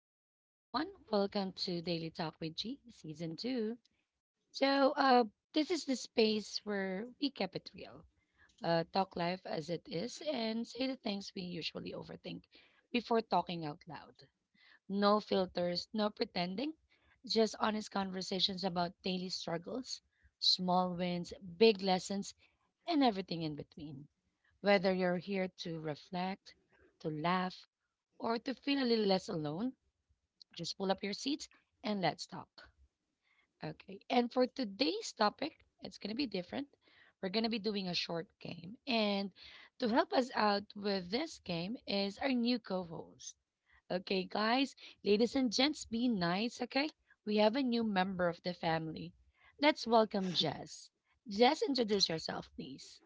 what's up, everyone? Welcome to Daily Talk with G, Season 2. So, this is the space where we keep it real, talk life as it is, and say the things we usually overthink before talking out loud. No filters, no pretending, just honest conversations about daily struggles, small wins, big lessons, and everything in between. Whether you're here to reflect, to laugh, or to feel a little less alone, just pull up your seats and let's talk. Okay. And for today's topic, it's going to be different. We're going to be doing a short game. And to help us out with this game is our new co host. Okay, guys, ladies and gents, be nice. Okay. We have a new member of the family. Let's welcome Jess. Jess, introduce yourself, please.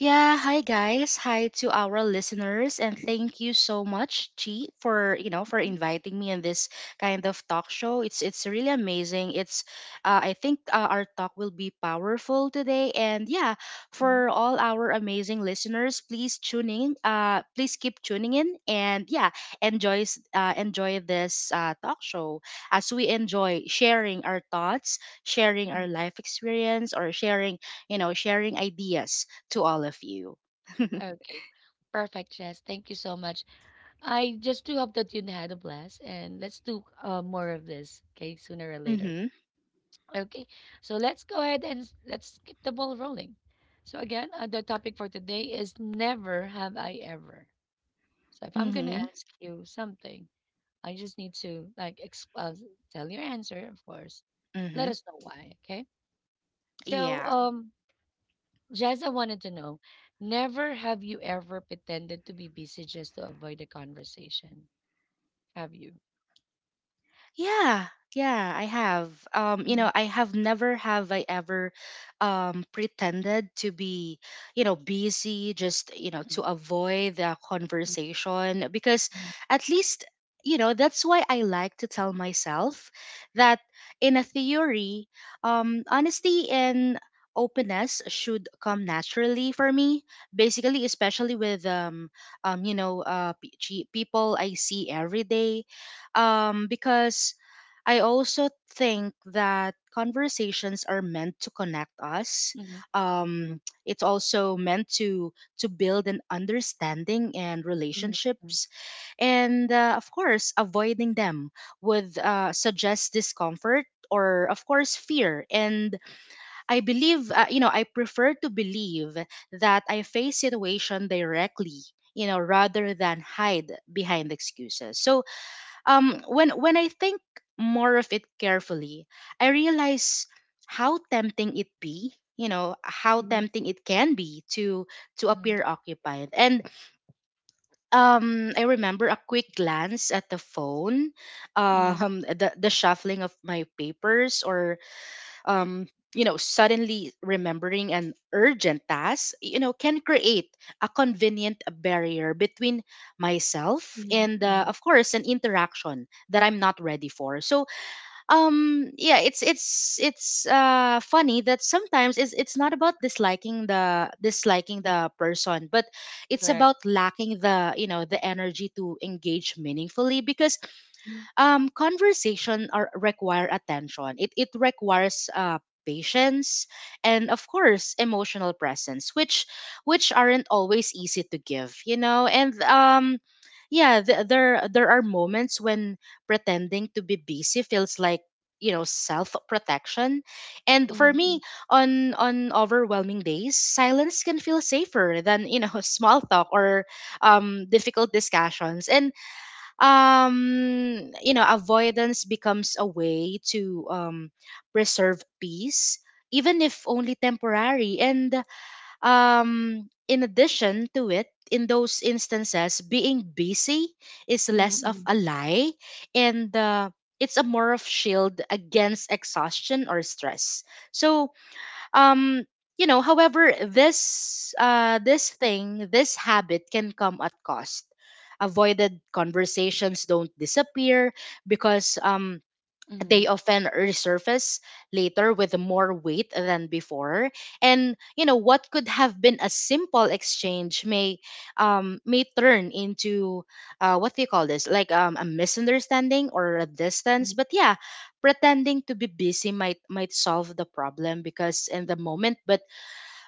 Yeah, hi guys. Hi to our listeners and thank you so much, Chi, for, you know, for Mhm, inviting me in this kind of talk show. It's really amazing. It's I think our talk will be powerful today and yeah, mhm, for all our amazing listeners, please tune in. Please keep tuning in and yeah, enjoy enjoy this talk show as we enjoy sharing our thoughts, sharing our life experience or sharing, you know, sharing ideas to all of you. mhm. Okay. Perfect, Jess. Thank you so much. I just do hope that you had a blast, and let's do more of this, okay, sooner or later. Mhm. Okay, so let's go ahead and let's keep the ball rolling. So again, the topic for today is never have I ever. So if I'm gonna Mhm. ask you something, I just need to like tell your answer, of course. Let Mhm. us know why, okay? So Yeah. um, Jazz, wanted to know, never have you ever pretended to be busy just to avoid a conversation? Have you? Yeah, yeah, I have. You know, I have never have I ever pretended to be, you know, busy just, you know, to Mhm. avoid the conversation because Mhm, at least, you know, that's why I like to tell myself that in a theory, honesty and openness should come naturally for me, basically, especially with you know people I see every day, because I also think that conversations are meant to connect us. mhm, Um, it's also meant to build an understanding and mhm, relationships, and of course, avoiding them would suggest discomfort or, of course, fear. And I believe, you know, I prefer to believe that I face situation directly. You know, rather than hide behind excuses. So, when I think more of it carefully, I realize how tempting it be, you know, how mhm, tempting it can be to mhm, appear occupied. And I remember a quick glance at the phone, mhm, mhm, the shuffling of my papers or, um, you know, suddenly remembering an urgent task, you know, can create a convenient barrier between myself mhm, and, mhm. of course, an interaction that I'm not ready for. So, yeah, it's funny that sometimes it's not about disliking the person, but it's Correct. about lacking the, you know, the energy to engage meaningfully, because Mhm, conversation are, require attention. It requires patience and of course emotional presence, which aren't always easy to give, you know. And yeah, there are moments when pretending to be busy feels like, you know, self protection. And for mhm, me, on overwhelming days silence can feel safer than, you know, small talk or difficult discussions. And you know, avoidance becomes a way to preserve peace, even if only temporary. And in addition to it, in those instances, being busy is mhm, less of mhm, a lie and it's a more of shield against exhaustion or stress. So um you know, however, this this thing this habit can come at cost. Avoided conversations don't disappear, because they mhm, often resurface later with more weight than before. And you know, what could have been a simple exchange may turn into, what do you call this like a misunderstanding or a distance. mhm, But yeah, pretending to be busy might solve the problem because in the mhm, moment, but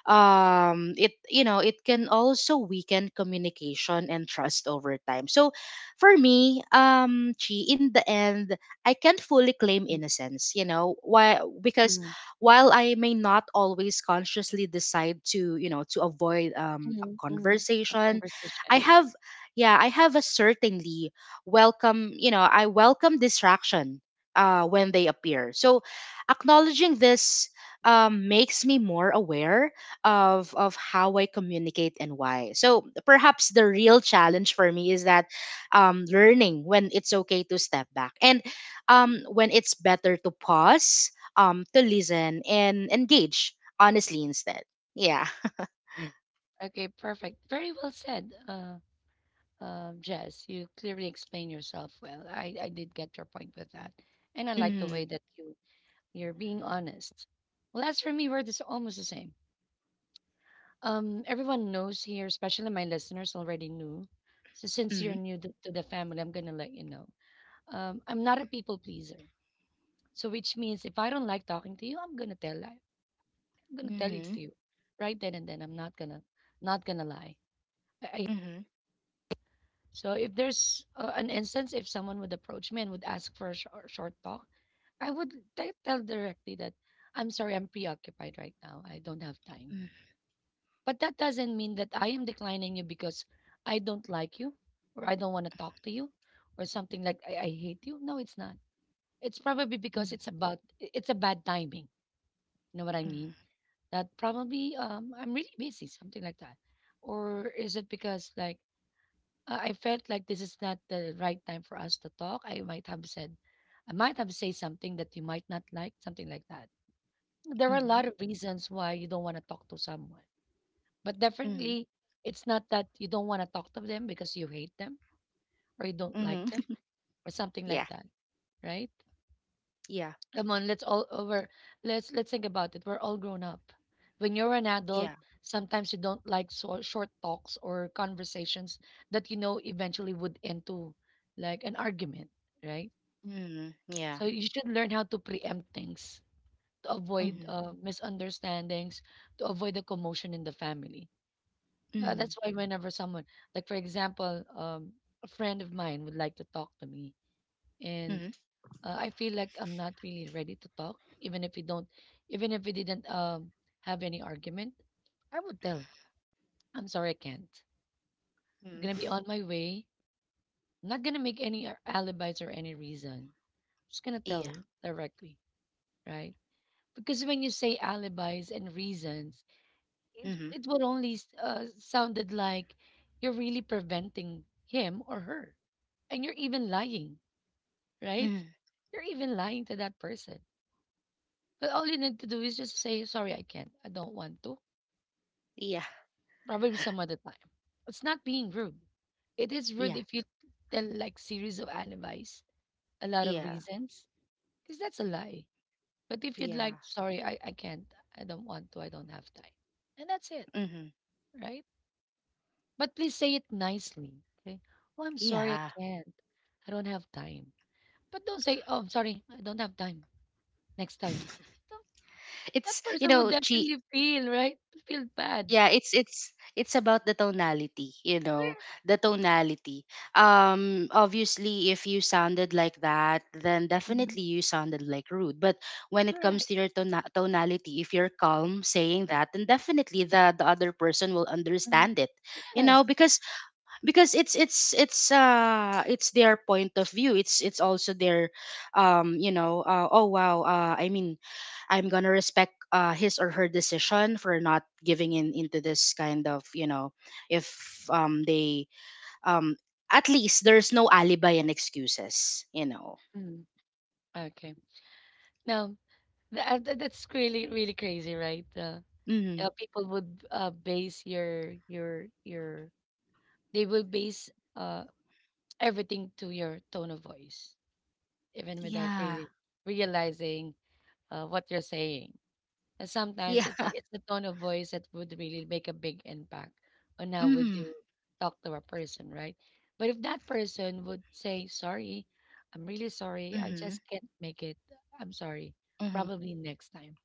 it, you know, it can also weaken communication and trust over time. So for me, Chi, in the end, I can't fully claim innocence. You know why? Because mhm, while I may not always consciously decide to, you know, to avoid a mhm, mhm. A conversation, i conversation. have yeah I have a certainly welcome, you know, I welcome distraction when they appear. So acknowledging this makes me more aware of how I communicate and why. So perhaps the real challenge for me is that, learning when it's okay to step back and, Mhm. When it's better to pause, to listen and engage honestly instead. Yeah. Okay, perfect. Very well said, Jess. You clearly explained yourself well. I did get your point with that, and I like the Mm-hmm. way that you're being honest. Well, as for me, we're this almost the same. Everyone knows here, especially my listeners already knew. So since you're new to the family, I'm gonna let you know. I'm not a people pleaser. So which means if I don't like talking to you, I'm gonna I'm gonna tell it Mm-hmm. to you right then and then. I'm not gonna not gonna lie. I Mm-hmm. so if there's an instance if someone would approach me and would ask for a short talk, I would tell directly that I'm sorry, I'm preoccupied right now. I don't have time. Mm-hmm. But that doesn't mean that I am declining you because I don't like you or I don't want to talk to you or something like I hate you. No, it's not. It's probably because it's Mm-hmm. about it's a bad timing. You know what I mean? That probably I'm really busy, something like that. Or is it because like I felt like this is not the right time for us to talk? I might have said something that you might not like, something like that. There are a Mm-hmm. lot of reasons why you don't want to talk to someone but Mm-hmm. definitely, it's not that you don't want to talk to them because you hate them or you don't like them Mm-hmm. or something like Yeah. that, right? Yeah. Come on, let's all over. Let's think about it. We're all grown up. When you're an adult, Yeah. sometimes you don't like so, short talks or conversations that you know eventually would end to like an argument, right? Mm-hmm. Yeah. So you should learn how to preempt things to avoid Mm-hmm. Misunderstandings, to avoid the commotion in the family. Mm-hmm. That's why whenever someone, like for example, a friend of mine would like to talk to me, and Mm-hmm. I feel like I'm not really ready to talk, even if we don't, even if we didn't have any argument, I would tell, I'm sorry, I can't. I'm gonna be Mm-hmm. on my way. I'm not gonna make any alibis or any reason. I'm just gonna Yeah. tell directly, right? Because when you say alibis and reasons, it Mm-hmm. it would only sounded like you're really preventing him or her and you're even lying, right? Mm-hmm. You're even lying to that person. But all you need to do is just say, sorry, I can't. I don't want to. Yeah. Probably some other time. It's not being rude. It is rude Yeah. if you tell like series of alibis, a lot of Yeah. reasons, because that's a lie. But if you'd like, Yeah. sorry, I can't. I don't want to. I don't have time. And that's it, Mm-hmm. right? But please say it nicely. Okay. Oh, I'm sorry, I Yeah. can't. I don't have time. But don't say, oh, I'm sorry, I don't have time. Next time. Don't. it's That you person would know, she definitely feel, right? Feel bad. Yeah, it's about the tonality, you know, Correct. the tonality. Obviously, if you sounded like that, then Mhm. definitely you sounded like rude. But when it Correct. comes to your tonality, if you're calm saying that, then definitely the other person will Mhm. understand it. You Yes. know, because it's their point of view. It's also their you know, I'm gonna respect his or her decision for not giving in into this kind of, you know, if they um at least there's no alibi and excuses, you know. Mm. Okay. Now that's really really crazy, right? Mm-hmm. People would base your they will base uh everything to your tone of voice, even without Yeah. really realizing what you're saying. And sometimes Yeah. it's it's the tone of voice that would really make a big impact on how we Mm-hmm. do talk to a person, right? But if that person would say, "Sorry, I'm really sorry. I Mm-hmm. just can't make it. I'm sorry. Mm-hmm. Probably next time."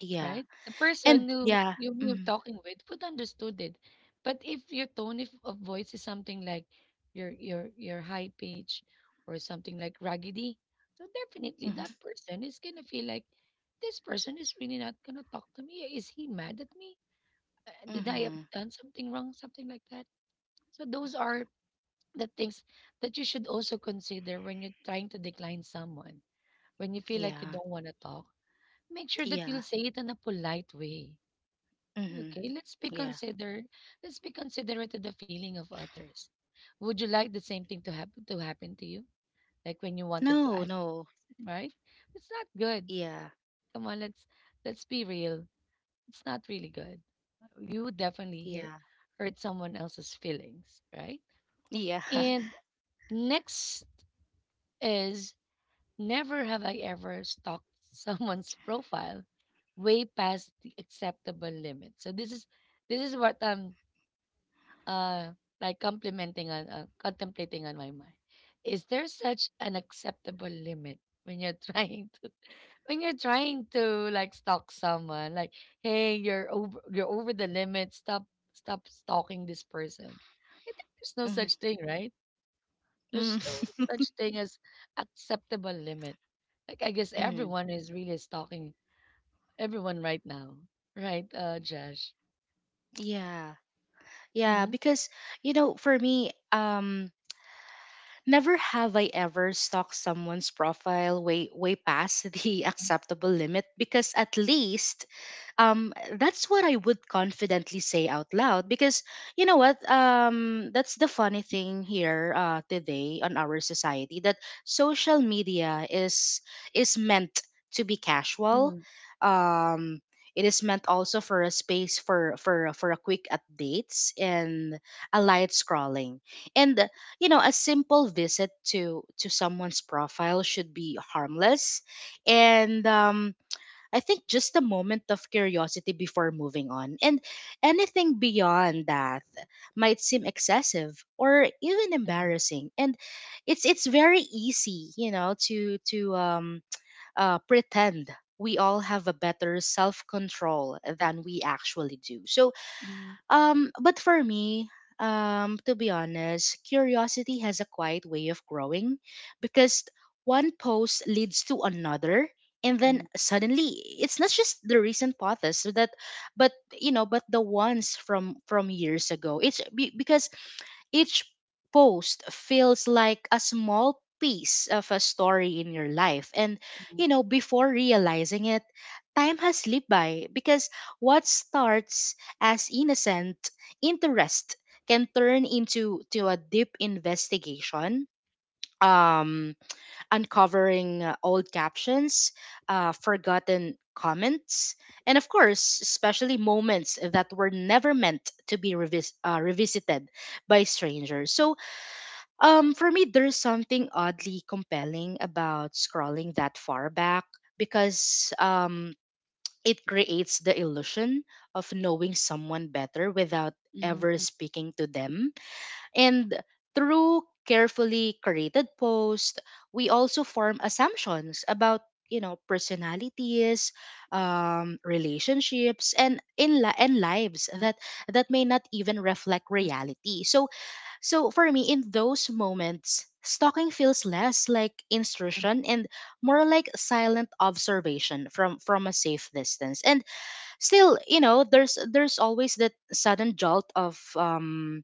Yeah. Right? The And person who yeah. You're Mm-hmm. talking with would understood it. But if your tone if, of voice is something like your high pitch or something like raggedy, so definitely that Mm-hmm. person is gonna feel like this person is really not gonna talk to me. Is he mad at me? Did I have Mm-hmm. done something wrong? Something like that. So those are the things that you should also consider when you're trying to decline someone. When you feel like you Yeah. don't want to talk, make sure that you'll Yeah. say it in a polite way. Mm-hmm. Okay, Yeah. Let's be considerate to the feeling of others. Would you like the same thing to happen to you? Like when you wanted to No, ask, no. them, right? It's not good. Yeah. Come on, let's be real. It's not really good. You would definitely Yeah. hear hurt someone else's feelings, right? Yeah. And next is never have I ever stalked someone's profile way past the acceptable limit. So this is what uh, like complimenting on contemplating on my mind. Is there such an acceptable limit when you're trying to when you're trying to like stalk someone? Like, hey, you're over the limit. Stop stalking this person. I think there's no Mm-hmm. such thing, right? There's no Mm. such thing as acceptable limit. Like I guess Mm. everyone is really stalking everyone right now, right, Josh? Yeah, Yeah, Mm-hmm. because, you know, for me, never have I ever stalked someone's profile way past the acceptable limit, because at least that's what I would confidently say out loud. Because you know what, that's the funny thing here, today on our society, that social media is meant to be casual. um it is meant also for a space for a quick updates and a light scrolling. And you know, a simple visit to someone's profile should be harmless, and I think just a moment of curiosity before moving on. And anything beyond that might seem excessive or even Mm-hmm. embarrassing, and it's very easy, you know, to pretend we all have a better self control than we actually do. So Mm-hmm. But for me, to be honest, curiosity has a quiet way of growing, because one post leads to another, and then suddenly it's not just the recent posts so that, but you know, but the ones from years ago. Because each post feels like a small piece of a story in your life. And, Mm-hmm. you know, before realizing it, time has slipped by. Because what starts as innocent interest can turn into to a deep investigation, um uncovering old captions, forgotten comments, and of course, especially moments that were never meant to be revisited by strangers. So for me, there's something oddly compelling about scrolling that far back, because it creates the illusion of knowing someone better without ever Mm-hmm. speaking to them. And through carefully curated posts, we also form assumptions about, you know, personalities, relationships, and lives that may not even reflect reality. So for me, in those moments, stalking feels less like Mhm, instruction and more like silent observation from a safe distance. And still, you know, there's always that sudden jolt of um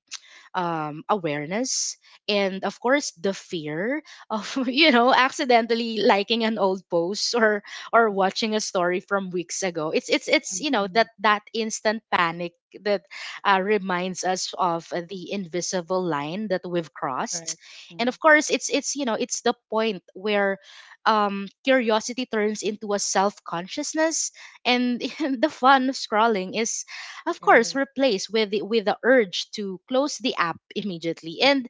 um, awareness, and of course, the fear of you know, accidentally liking an old post or watching a story from weeks ago. It's You know, mhm, that instant panic that reminds us of the invisible line that we've crossed. correct. And Mm, of course, it's you know, it's the point where curiosity turns into a self-consciousness, and the fun of scrolling is of course right. replaced with with the urge to close the app immediately. And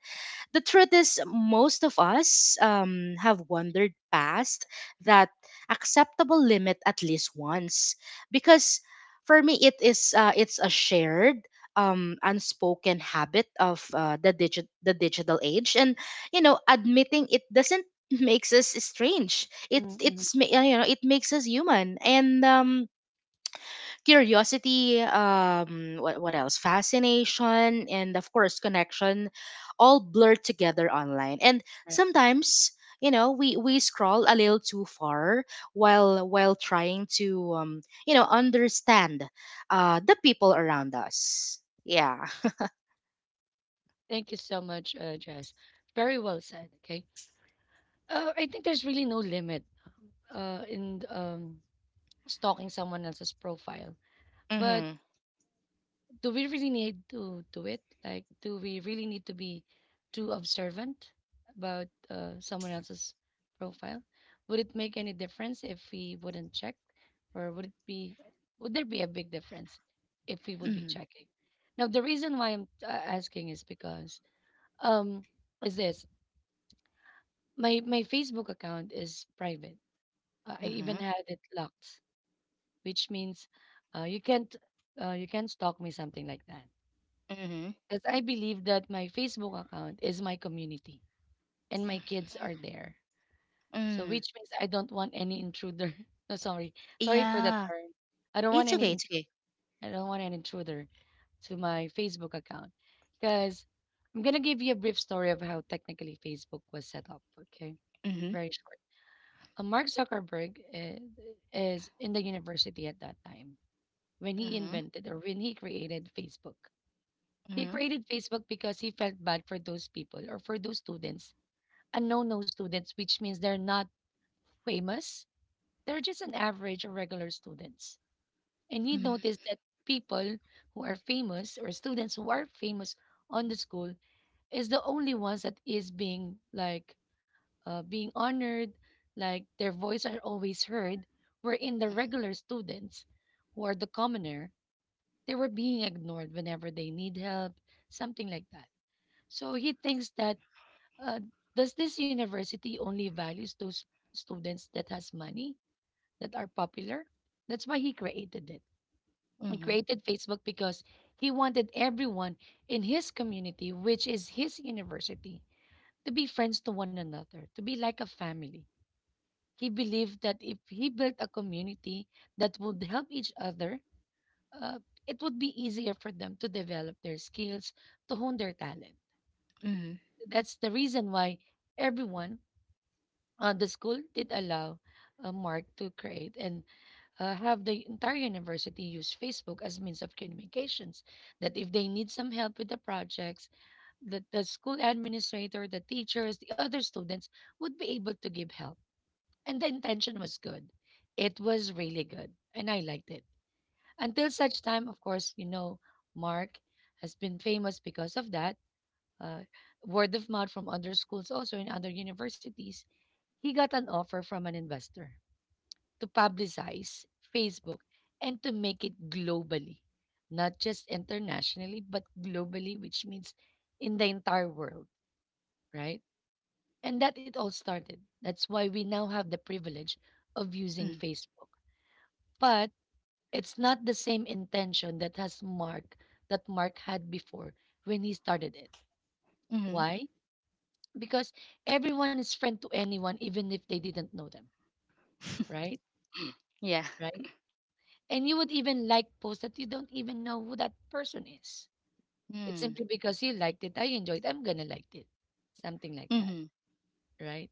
the truth is, most of us, have wandered past that acceptable limit at least once, because for me it is it's a shared unspoken habit of the digit the digital age. And you know, admitting it doesn't makes us strange, Mhm, mhm, you know, it makes us human. And curiosity, what else fascination, and of course, connection, all blurred together online. And right. sometimes, you know, we scroll a little too far while trying to, you know, understand the people around us. Yeah. Thank you so much, Jess. Very well said. Okay. I think there's really no limit in stalking someone else's profile, but Mhm. do we really need to do it? Like, do we really need to be too observant about someone else's profile? Would it make any difference if we wouldn't check, or would it be would there be a big difference if we would be Mhm. checking? Now, the reason why I'm asking is because um is this my Facebook account is private. I even Mhm. had it locked, which means uh, you can't you can't stalk me something like that. Mhm. 'Cause I believe that my Facebook account is my community and my kids are there. So Mm. which means I don't want any intruder. No, sorry. Sorry for the Yeah. term. I don't want It's okay. any It's intru okay. I don't want an intruder to my Facebook account. Because I 'Cause I'm gonna give you a brief story of how technically Facebook was set up, okay? Mm-hmm. Very short. Mark Zuckerberg is in the university at that time when he Mm-hmm. invented or when he created Facebook. He Mm-hmm. created Facebook because he felt bad for those people or for those students, unknown no students, which means they're not famous. They're just an average or regular students. And he noticed that people who are famous or students who are famous on the school is the only ones that is being like being honored, like their voice are always heard. Wherein the regular students who are the commoner, they were being ignored whenever they need help, something like that. So he thinks that uh, does this university only values those students that has money that are popular? That's why he created it. He Mm-hmm. created Facebook because he wanted everyone in his community, which is his university, to be friends to one another, to be like a family. He believed that if he built a community that would help each other, uh, it would be easier for them to develop their skills, to hone their talent. Mm-hmm. Mm-hmm. That's the reason why everyone the school did allow Mark to create and have the entire university use Facebook as means of communications. That if they need some help with the projects, that the school administrator, the teachers, the other students would be able to give help. And the intention was good. It was really good, and I liked it. Until such time, of course, Mark has been famous because of that. Uh, Word of mouth from other schools, also in other universities, he got an offer from an investor to publicize Facebook and to make it globally, not just internationally, but globally, which means in the entire world, right? And that it all started. That's why we now have the privilege of using Mm-hmm. Facebook. But it's not the same intention that Mark had before when he started it. Mm-hmm. Why? Because everyone is friend to anyone even if they didn't know them, right? Yeah. Right? And you would even like posts that you don't even know who that person is. It's Mm. simply because you liked it, I enjoyed, I'm gonna like it. Something like that, Mm-hmm. right?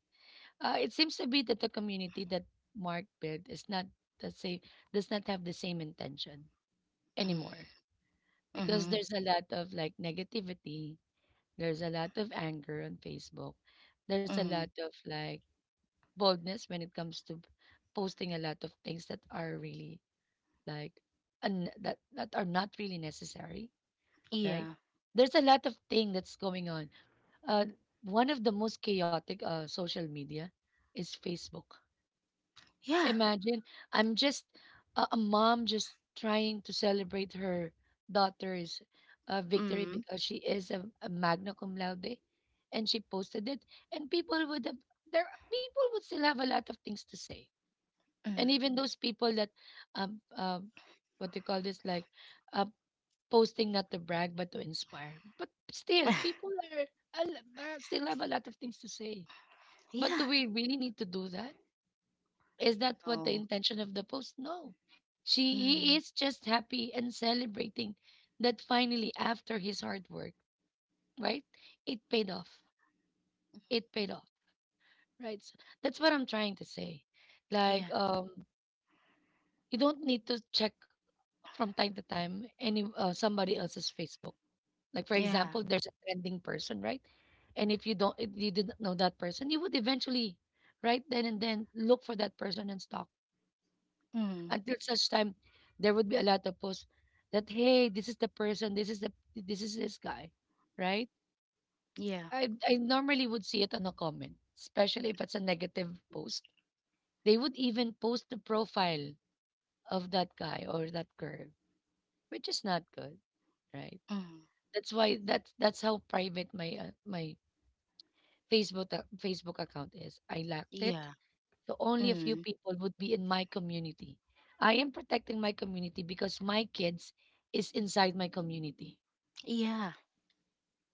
It seems to be that the community that Mark built is not the same, does not have the same intention anymore because Mm-hmm. there's a lot of like negativity, there's a lot of anger on Facebook, there's a Mm-hmm. lot of like boldness when it comes to posting a lot of things that are really like that are not really necessary, right? Yeah. There's a lot of thing that's going on. Uh, One of the most chaotic social media is Facebook. Yeah. Imagine I'm just a mom just trying to celebrate her daughter's victory Mm. because she is a magna cum laude, and she posted it, and people would have there are- people would still have a lot of things to say, and Mm. even those people that um um what do you call this, like, uh, posting not to brag but to inspire. But still, people are, still have a lot of things to say. But do Yeah. we really need to do that? Is that what the No. intention of the post? No. She he Mm. is just happy and celebrating that finally after his hard work, right? It paid off. It paid off, right? So that's what I'm trying to say. Yeah. Like, you don't need to check from time to time any somebody else's Facebook. Like, for Yeah. example, there's a trending person, right? And if you don't, if you didn't know that person, you would eventually, right then and then, look for that person and stalk Mm. until such time there would be a lot of posts that hey, this is the person, this is this guy, right? Yeah. I normally would see it on a comment, especially if it's a negative post. They would even post the profile of that guy or that girl, which is not good, right? Mm. That's why that's how private my my Facebook Facebook account is. I locked it, Yeah. so only a few Mm. people would be in my community. I am protecting my community because my kids is inside my community, Yeah.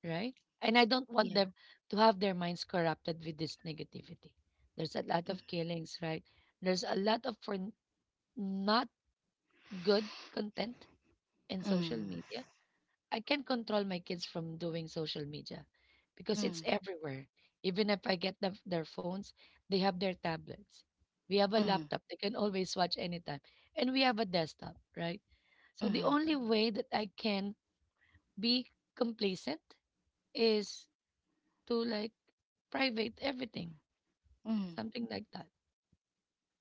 right? And I don't want Yeah. them to have their minds corrupted with this negativity. There's a lot Mm. of killings, right? There's a lot of not good content in social media. I can't control my kids from doing social media because it's Mm. everywhere. Even if I get them their phones, they have their tablets. We have a Mm. laptop. They can always watch anytime. And we have a desktop, right? So the Mm. only way that I can be complacent is to, like, private everything, Mm. something like that.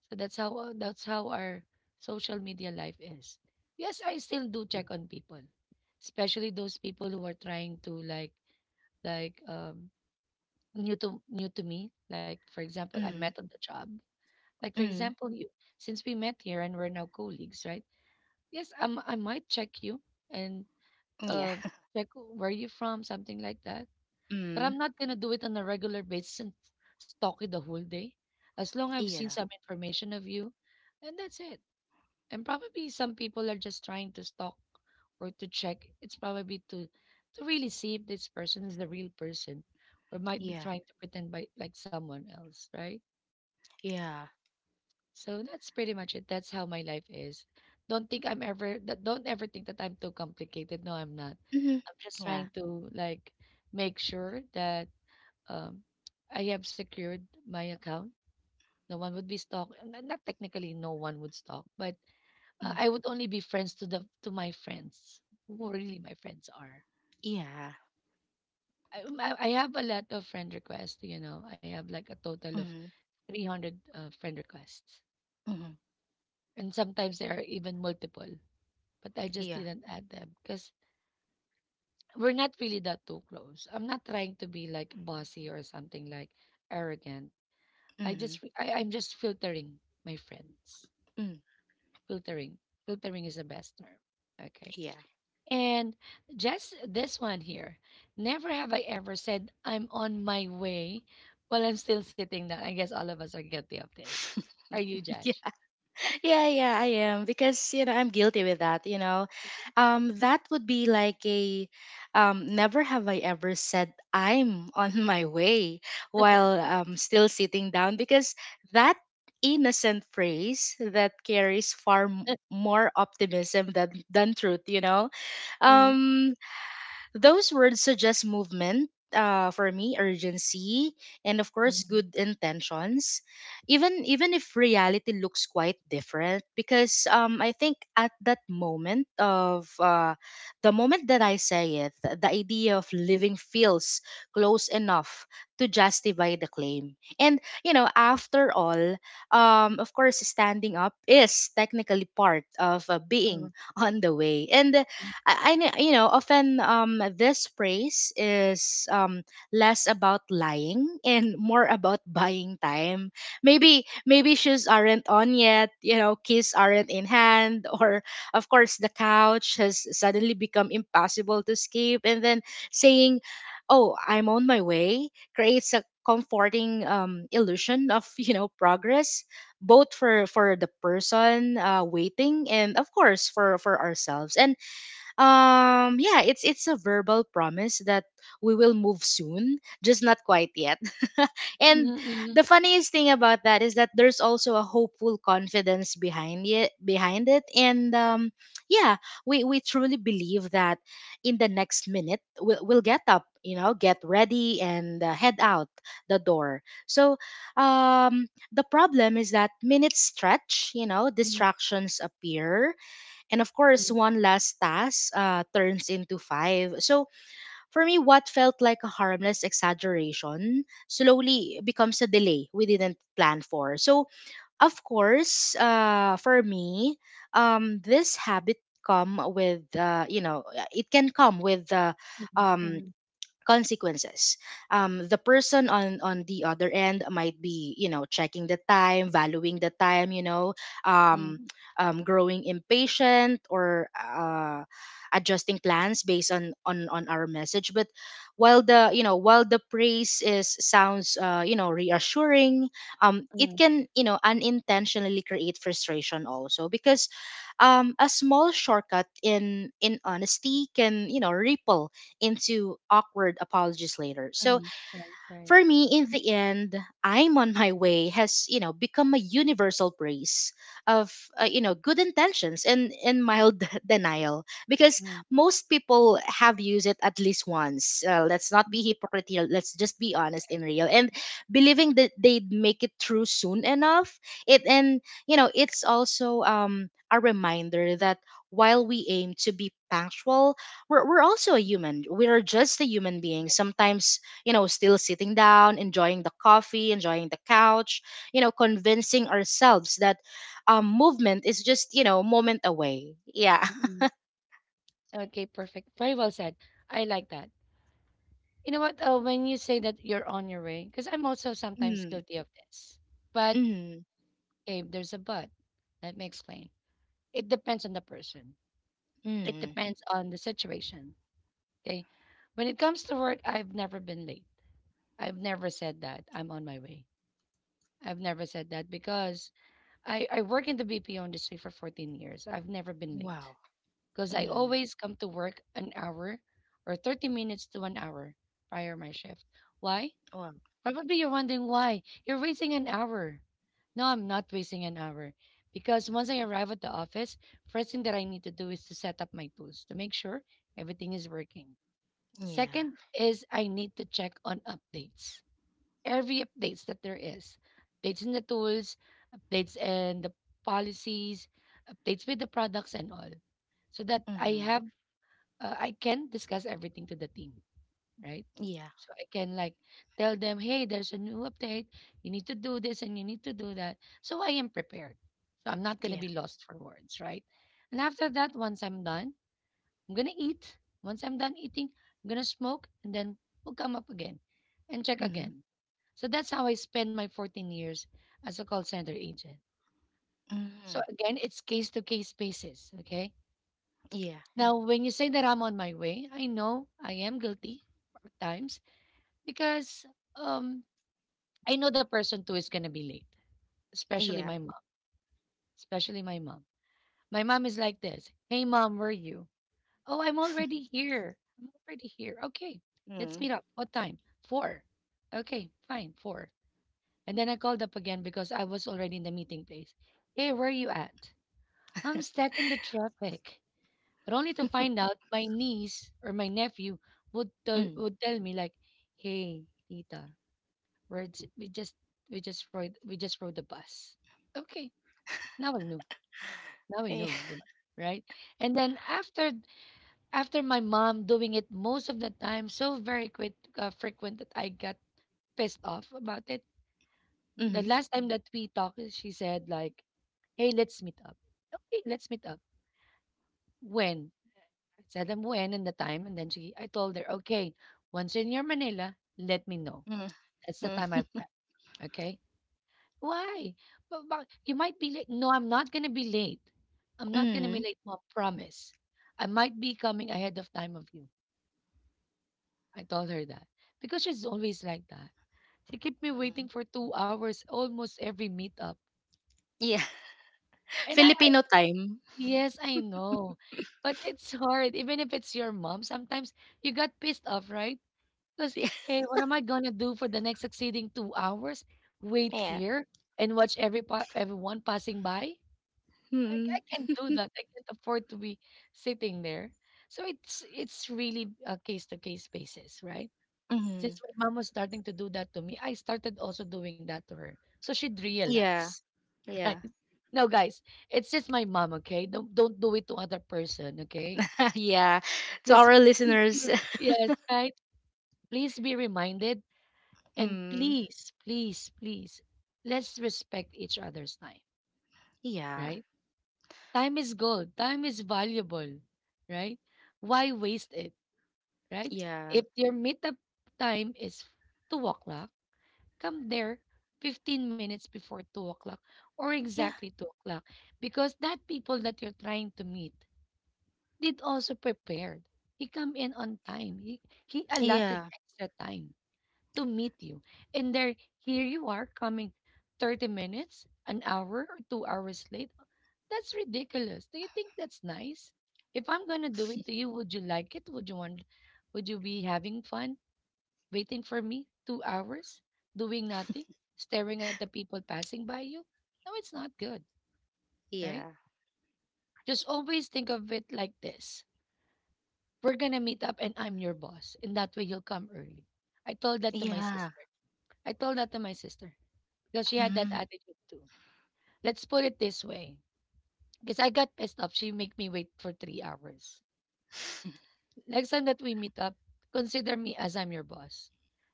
So that's how that's how our social media life is. Yes, I still do check on people, especially those people who are trying to, like new to new to me. Like, for example, Mm. I met Mm. on the job. Like, for Mm. example, you, since we met here and we're now colleagues, right? Yes, I might check you and Yeah. uh check where you from, something like that. But Mm. I'm not gonna do it on a regular basis and stalk you the whole day. As long I've seen Yeah. some information of you, and that's it. And probably some people are just trying to stalk or to check. It's probably to really see if this person is the real person or might be Yeah. trying to pretend by like someone else, right? Yeah. So that's pretty much it. That's how my life is. Don't think I'm ever that don't ever think that I'm too complicated. No, I'm not. Mm. I'm just Yeah. trying to, like, make sure that um I have secured my account. No one would be stalked. Not technically no one would stalk, but Mm. I would only be friends to the to my friends who really my friends are. Yeah. I have a lot of friend requests. I have like a total of Mm. 300 friend requests, Mm. and sometimes there are even multiple. But I just Yeah. didn't add them because we're not really that too close. I'm not trying to be like bossy or something like arrogant. I Mm. just re- I, I'm just filtering my friends. Mm. Filtering, filtering is the best term. Okay. Yeah. And just this one here. Never have I ever said I'm on my way while I'm still sitting down. I guess all of us are guilty of this. Are you, Josh? Yeah, yeah, I am, because you know, I'm guilty with that. You know, that would be like a never have I ever said I'm on my way while, still sitting down, because that innocent phrase that carries far more optimism than truth. You know, Mhm, um, those words suggest movement, for me, urgency, and of course, mhm, good intentions. Even if reality looks quite different, because I think at that moment of, the moment that I say it, the idea of living feels close enough to justify the claim. And you know, after all, of course, standing up is technically part of, being mhm, on the way. And you know, often this phrase is less about lying and more about buying time. Maybe shoes aren't on yet, you know, keys aren't in hand, or of course the couch has suddenly become impossible to escape. And then saying, "Oh, I'm on my way," creates a comforting illusion of progress both for the person waiting and of course for ourselves and yeah, it's a verbal promise that we will move soon, just not quite yet. mhm, And mhm, the funniest thing about that is that there's also a hopeful confidence behind it. And Yeah, we truly believe that in the next minute we'll get up, you know, get ready and head out the door. So the problem is that minutes stretch, you know, mhm, distractions appear and of course, one last task turns into five. So for me, what felt like a harmless exaggeration slowly becomes a delay we didn't plan for. So, of course, for me, this habit come with it can come with mhm, um mhm, consequences. The person on the other end might be, you know, checking the time, valuing the time, um, mhm, growing impatient or adjusting plans based on on our message. But while the praise is sounds reassuring, it mhm, can unintentionally create frustration also because a small shortcut in honesty can ripple into awkward apologies later. So mhm. Right, right. for me, in the end, I'm on my way has, you know, become a universal praise of, good intentions and mild denial because Mhm, most people have used it at least once. Let's not be hypocritical. Let's just be honest yes, and real. And believing that they'd make it through soon enough. It, and, you know, it's also, a reminder that while we aim to be punctual, we're also a human. We are just a human being. Sometimes you know, still sitting down, enjoying the coffee, enjoying the couch, you know, convincing ourselves that movement is just, you know, moment away. Yeah. mhm. Okay, perfect. Very well said. I like that. You know what? When you say that you're on your way, because I'm also sometimes Mm, guilty of this. But, mm, okay, there's a but. Let me explain. It depends on the person. It mm. depends on the situation. Okay. When it comes to work, I've never been late. I've never said that I'm on my way. I've never said that because I work in the BPO industry for 14 years. I've never been late Wow. because I Mm, always come to work an hour or 30 minutes to an hour prior my shift. Why? wow. Probably you're wondering why. You're wasting an hour. No, I'm not wasting an hour. Because once I arrive at the office, first thing that I need to do is to set up my tools to make sure everything is working. Yeah. Second is I need to check on updates. Every updates that there is. Updates in the tools, updates in the policies, updates with the products and all. So that I Mm, have uh, I can discuss everything to the team, right? yeah. So I can, like, tell them, hey, there's a new update. You need to do this and you need to do that. So I am prepared. So I'm not going to Yeah. be lost for words, right? And after that, once I'm done, I'm going to eat. Once I'm done eating, I'm going to smoke and then we'll come up again and check Mm, again. So that's how I spend my 14 years as a call center agent. So mm, again, it's case to case basis. Okay. yeah. Now, when you say that I'm on my way, I know I am guilty at times because um I know the person too is gonna be late, especially Yeah. my mom, especially my mom. My mom is like this, "Hey mom, where are you? Oh, I'm already here. I'm already here. Okay, let's Mm, meet up. What time? Four. Okay, fine, four." And then I called up again because I was already in the meeting place. "Hey, where are you at?" "I'm stuck in the traffic." But only to find out my niece or my nephew would tell mm. would tell me like, "Hey, Tita, we're j- we just rode the bus." Okay. Now I knew. Now I Yeah. knew, 'di ba? Right? And then after my mom doing it most of the time, so very quick, frequent that I got pissed off about it. The Mm, last time that we talked, she said like, "Hey, let's meet up." "Okay, let's meet up. When?" I said them when and the time, and then I told her, "Okay, once in your Manila, let me know. mm, That's the mm, time I'll prep." Okay. Why? But you might be late. No, I'm not gonna be late. I'm not gonna be mm. late, mom. Promise. I might be coming ahead of time of you. I told her that because she's always like that. She kept me Mhm. waiting for 2 hours almost every meetup. Yeah. And I Filipino time. yes, I know, but it's hard. Even if it's your mom, sometimes you got pissed off, right? Because hey, what am I gonna do for the next succeeding 2 hours? Wait Yeah. here and watch every everyone passing by. Like, Mm, I can't do that. I can't afford to be sitting there. So it's really a case to case basis, right? Since mm. my mom was starting to do that to me, I started also doing that to her. So she'd Yeah. realize, right? Yeah. No, guys, it's just my mom, okay? Don't do it to other person, okay? Yeah, to Let's our please be, listeners. Yes, right? Please be reminded, and Mm, please, please, please, let's respect each other's time, yeah, right? Time is gold. Time is valuable, right? Why waste it, right? yeah, If your meetup time is 2 o'clock, come there 15 minutes before 2 o'clock, or yeah, exactly 2 o'clock, because that people that you're trying to meet did also prepared. He come in on time. He allotted yeah, extra time to meet you. And there, here you are coming 30 minutes, an hour, or 2 hours late. That's ridiculous. Do you think that's nice? If I'm gonna do it to you, would you like it? Would you want, would you be having fun waiting for me 2 hours, doing nothing, staring at the people passing by you? No, it's not good, right? yeah, Just always think of it like this. We're gonna meet up and I'm your boss. And that way you'll come early. I told that to my yeah. sister. I told that to my sister because she had that Mm, attitude too. Let's put it this way, because I got pissed off. She make me wait for 3 hours. Next time that we meet up, consider me as I'm your boss.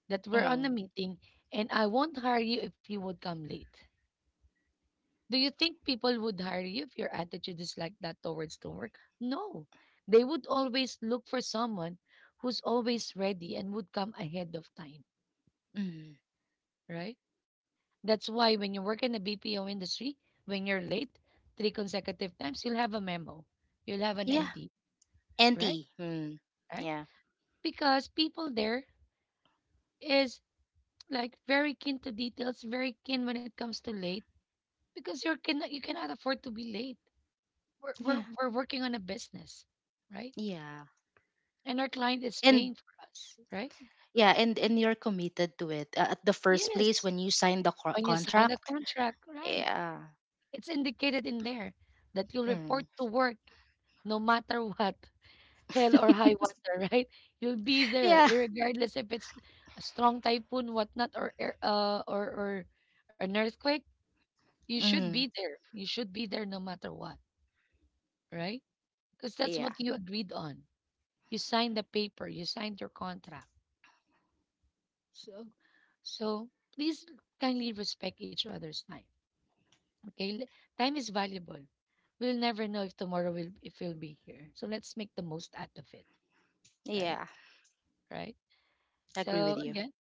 That we're on mm, a meeting, and I won't hire you if you would come late. Do you think people would hire you if your attitude is like that towards the work? No. They would always look for someone who's always ready and would come ahead of time, mm. right? That's why when you work in the BPO industry, when you're late three consecutive times, you'll have a memo. You'll have an Yeah, NT, right? anti. Mm, Right? yeah, Because people there is like very keen to details, very keen when it comes to late because you cannot afford to be late. We're, we're yeah, we're working on a business, right? yeah. And our client is And paying for us, right? yeah, and you're committed to it at the first place Yes. when you sign the When you sign a contract. contract, right? Yeah. It's indicated in there that you'll Mm. report to work no matter what. Hell or high water, right? You'll be there, Yeah. regardless if it's a strong typhoon, whatnot, or or an earthquake. You should Mm. be there. You should be there no matter what, right? Because that's Yeah. what you agreed on. You signed the paper. You signed your contract. So, so, please kindly respect each other's time. Okay, time is valuable. We'll never know if tomorrow will if we'll be here. So let's make the most out of it, right? Yeah. Right. Agree with So you. again.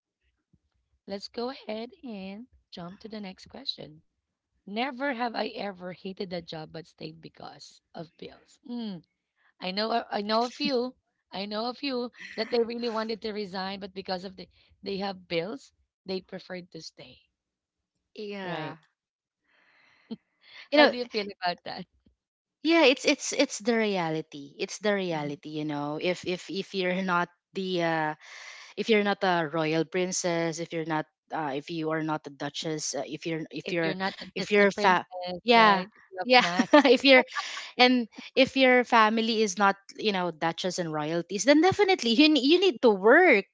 Let's go ahead and jump to the next question. Never have I ever hated a job but stayed because of bills. Mm, I know a few. I know a few that they really wanted to resign, but because of they have bills, they preferred to stay. Right. Yeah. You How know, do you feel about that? yeah it's the reality, Mhm. You know, if if you're not the if you're not a royal princess, if you're not if you are not a duchess, if you're if If you're you're not a if Disney you're fa- princess, yeah right? If you have yeah not if you're and if your family is not, you know, duchess and royalties, then definitely you need to work,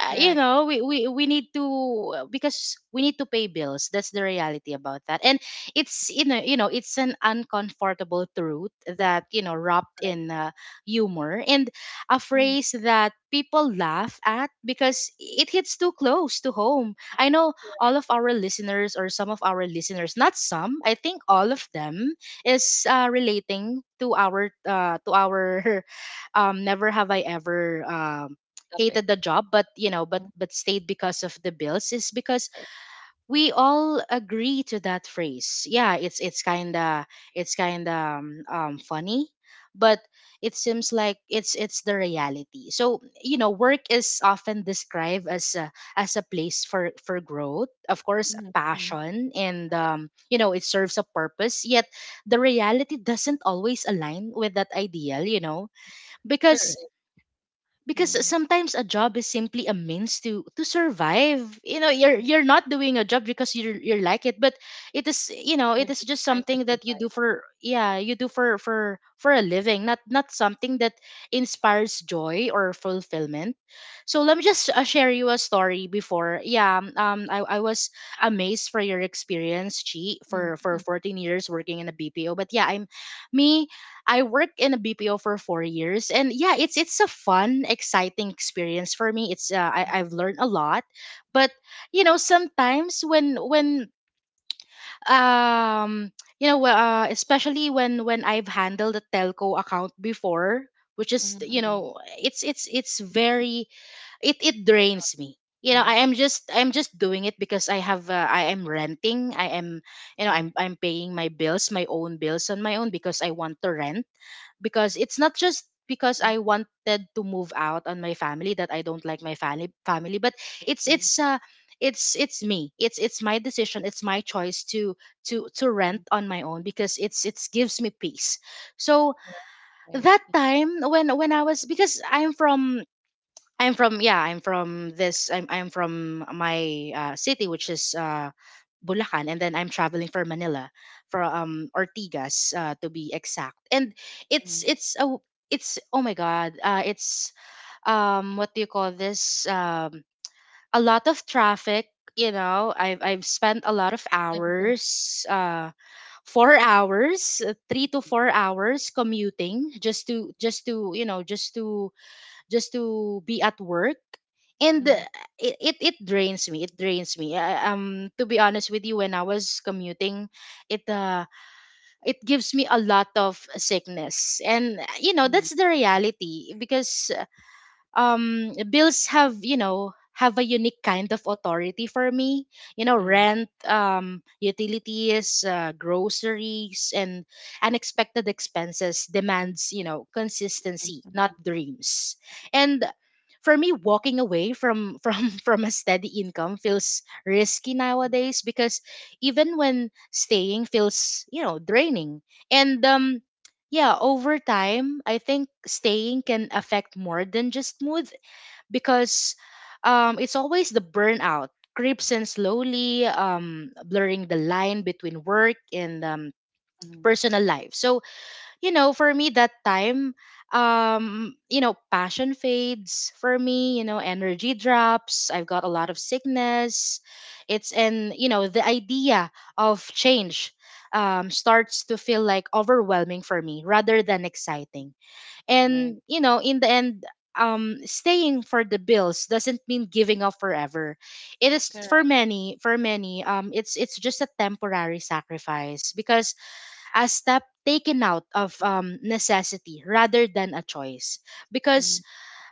correct, we need to because we need to pay bills. That's the reality about that. And it's, it's an uncomfortable truth that, you know, wrapped correct. in humor and a Mm, phrase that people laugh at because it hits too close to home. I know all of our listeners or some of our listeners, not some, I think all of them is relating to our never have I ever hated the topic. job, but you know, but Mm, but stayed because of the bills, is because we all agree to that phrase. Yeah, it's kind of funny, but it seems like it's the reality. So you know, work is often described as as a place for growth, of course, mm, mm. passion, and you know, it serves a purpose. Yet the reality doesn't always align with that ideal. You know, because Sure. because Mm. sometimes a job is simply a means to survive. You know, you're not doing a job because you're like it, but it is, you know, They're it is just just trying to something that you do survive. for, yeah, you do for for a living, not not something that inspires joy or fulfillment. So let me just share you a story before. Yeah, I was amazed for your experience, Chi, Mm, for mm, 14 years working in a BPO. But yeah, me I worked in a BPO for 4 years, and yeah, it's a fun, exciting experience for me. It's I've learned a lot, but you know sometimes when um you know especially when I've handled a telco account before, which is, mm, you mm, know, it's very, it drains me. You know, mm. I'm just doing it because I have, I am renting. I am You know, Mm, I'm paying my bills, my own bills on my own because I want to rent, because it's not just because mm, I wanted to move out on my family. That I don't like my family family, but it's mm, it's uh it's my decision, it's my choice to mm. rent on my own because it's gives me peace. So Right. that time, when I was, because I'm from, I'm from yeah, I'm from this I'm from my city, which is Bulacan, and then I'm traveling for Manila for Ortigas, to be exact. And Mm, it's a it's oh my god, it's what do you call this, a lot of traffic, you know. I've spent a lot of it's time consuming. hours, four hours 3 to 4 hours commuting just to just to be at work. And Mm, it it drains me, um, to be honest with you, when I was commuting, it uh it gives me a lot of sickness. And you know, mm. that's the reality because bills have, you know, have a unique kind of authority for me. You know, Correct. rent, utilities, groceries and unexpected expenses demands, you know, consistency, not dreams. And for me, walking away from from a steady income feels risky nowadays, because even when staying feels, you know, draining. And yeah, over time, I think staying can affect more than just mood, because it's always the burnout creeps in slowly, blurring the line between work and Mm, personal life. So you know, for me that time, you know, passion fades for me, you know, energy drops, I've got a lot of sickness. It's, and you know, the idea of change starts to feel like overwhelming for me rather than exciting. And, right. you know, in the end, staying for the bills doesn't mean giving up forever. It is for Correct. many, um, it's just a temporary sacrifice, because a step taken out of necessity rather than a choice, Mm, because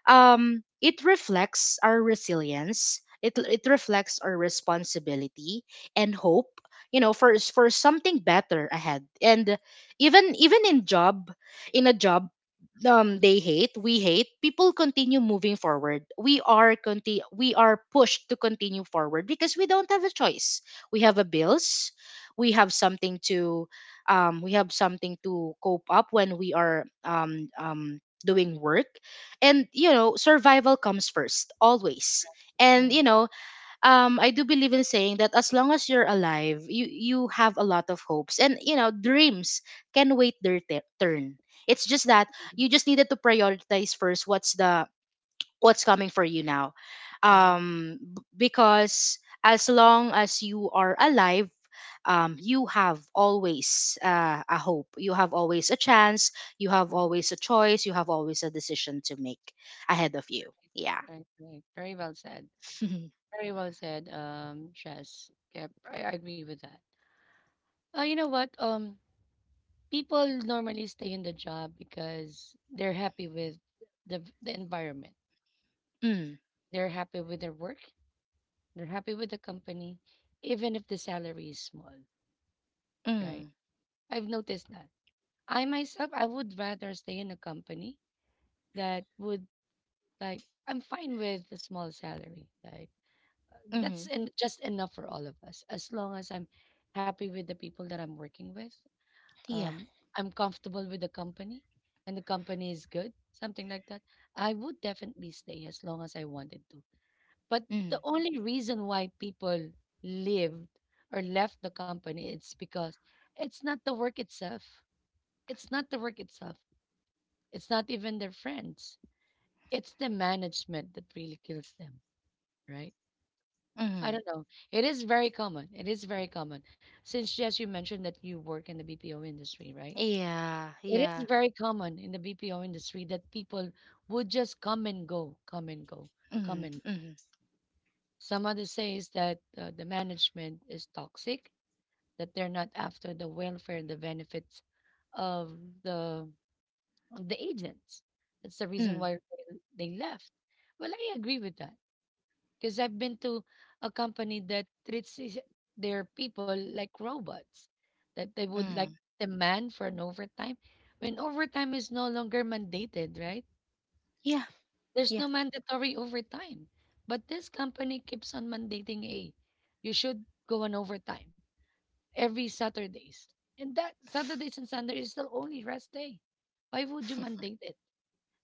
it reflects our resilience, it reflects our responsibility and hope, you know, for something better ahead. And even even in job, in a job mm, they hate we hate, people continue moving forward, we are we are pushed to continue forward because we don't have a choice, we have a bills, we have something to we have something to cope up when we are doing work. And you know, survival comes first always. And right. you know, I do believe in saying that as long as you're alive, you have a lot of hopes and, you know, dreams can wait their turn. It's just that Mm, you just needed to prioritize first what's the, what's coming for you now. correct. Um b- because as long as you are alive, you have always a hope. You have always a chance, you have Mm, always a choice, you have always a decision to make ahead of you. Yeah. right. Right. Very well said. Very well said, Shaz. Yep, I agree with that. You know what? People normally stay in the job because they're happy with the environment. Mm, They're happy with their work. They're happy with the company, even if the salary is small, right? mm, I've noticed that. I myself, I would rather stay in a company that would like I'm fine with the small salary. Like mm-hmm. that's in, just enough for all of us. As long as I'm happy with the people that I'm working with, Yeah. um, I'm comfortable with the company, and the company is good, something like that. I would definitely stay as long as I wanted to. But the Mm, only reason why people lived or left the company it's because it's not the work itself. It's not the work itself. It's not even their friends. It's the management that really kills them, right? I mm. don't know. It is very common. It is very common. Since yes, you mentioned that you work in the BPO industry, right? Yeah, It is yeah. very common in the BPO industry that people would just come and go, come and go, come Mm, and go. mm, Some others says that the management is toxic, that they're not after the welfare and the benefits of the of the agents. That's the reason mm, why they left. Well, I agree with that because I've been to a company that treats their people like robots, that they would like mm. demand for an overtime when overtime is no longer mandated, right? Yeah, There's yeah, no mandatory overtime. But this company keeps on mandating, hey, you should go on overtime every Saturdays. And that Saturdays and Sunday is the only rest day. Why would you mandate it?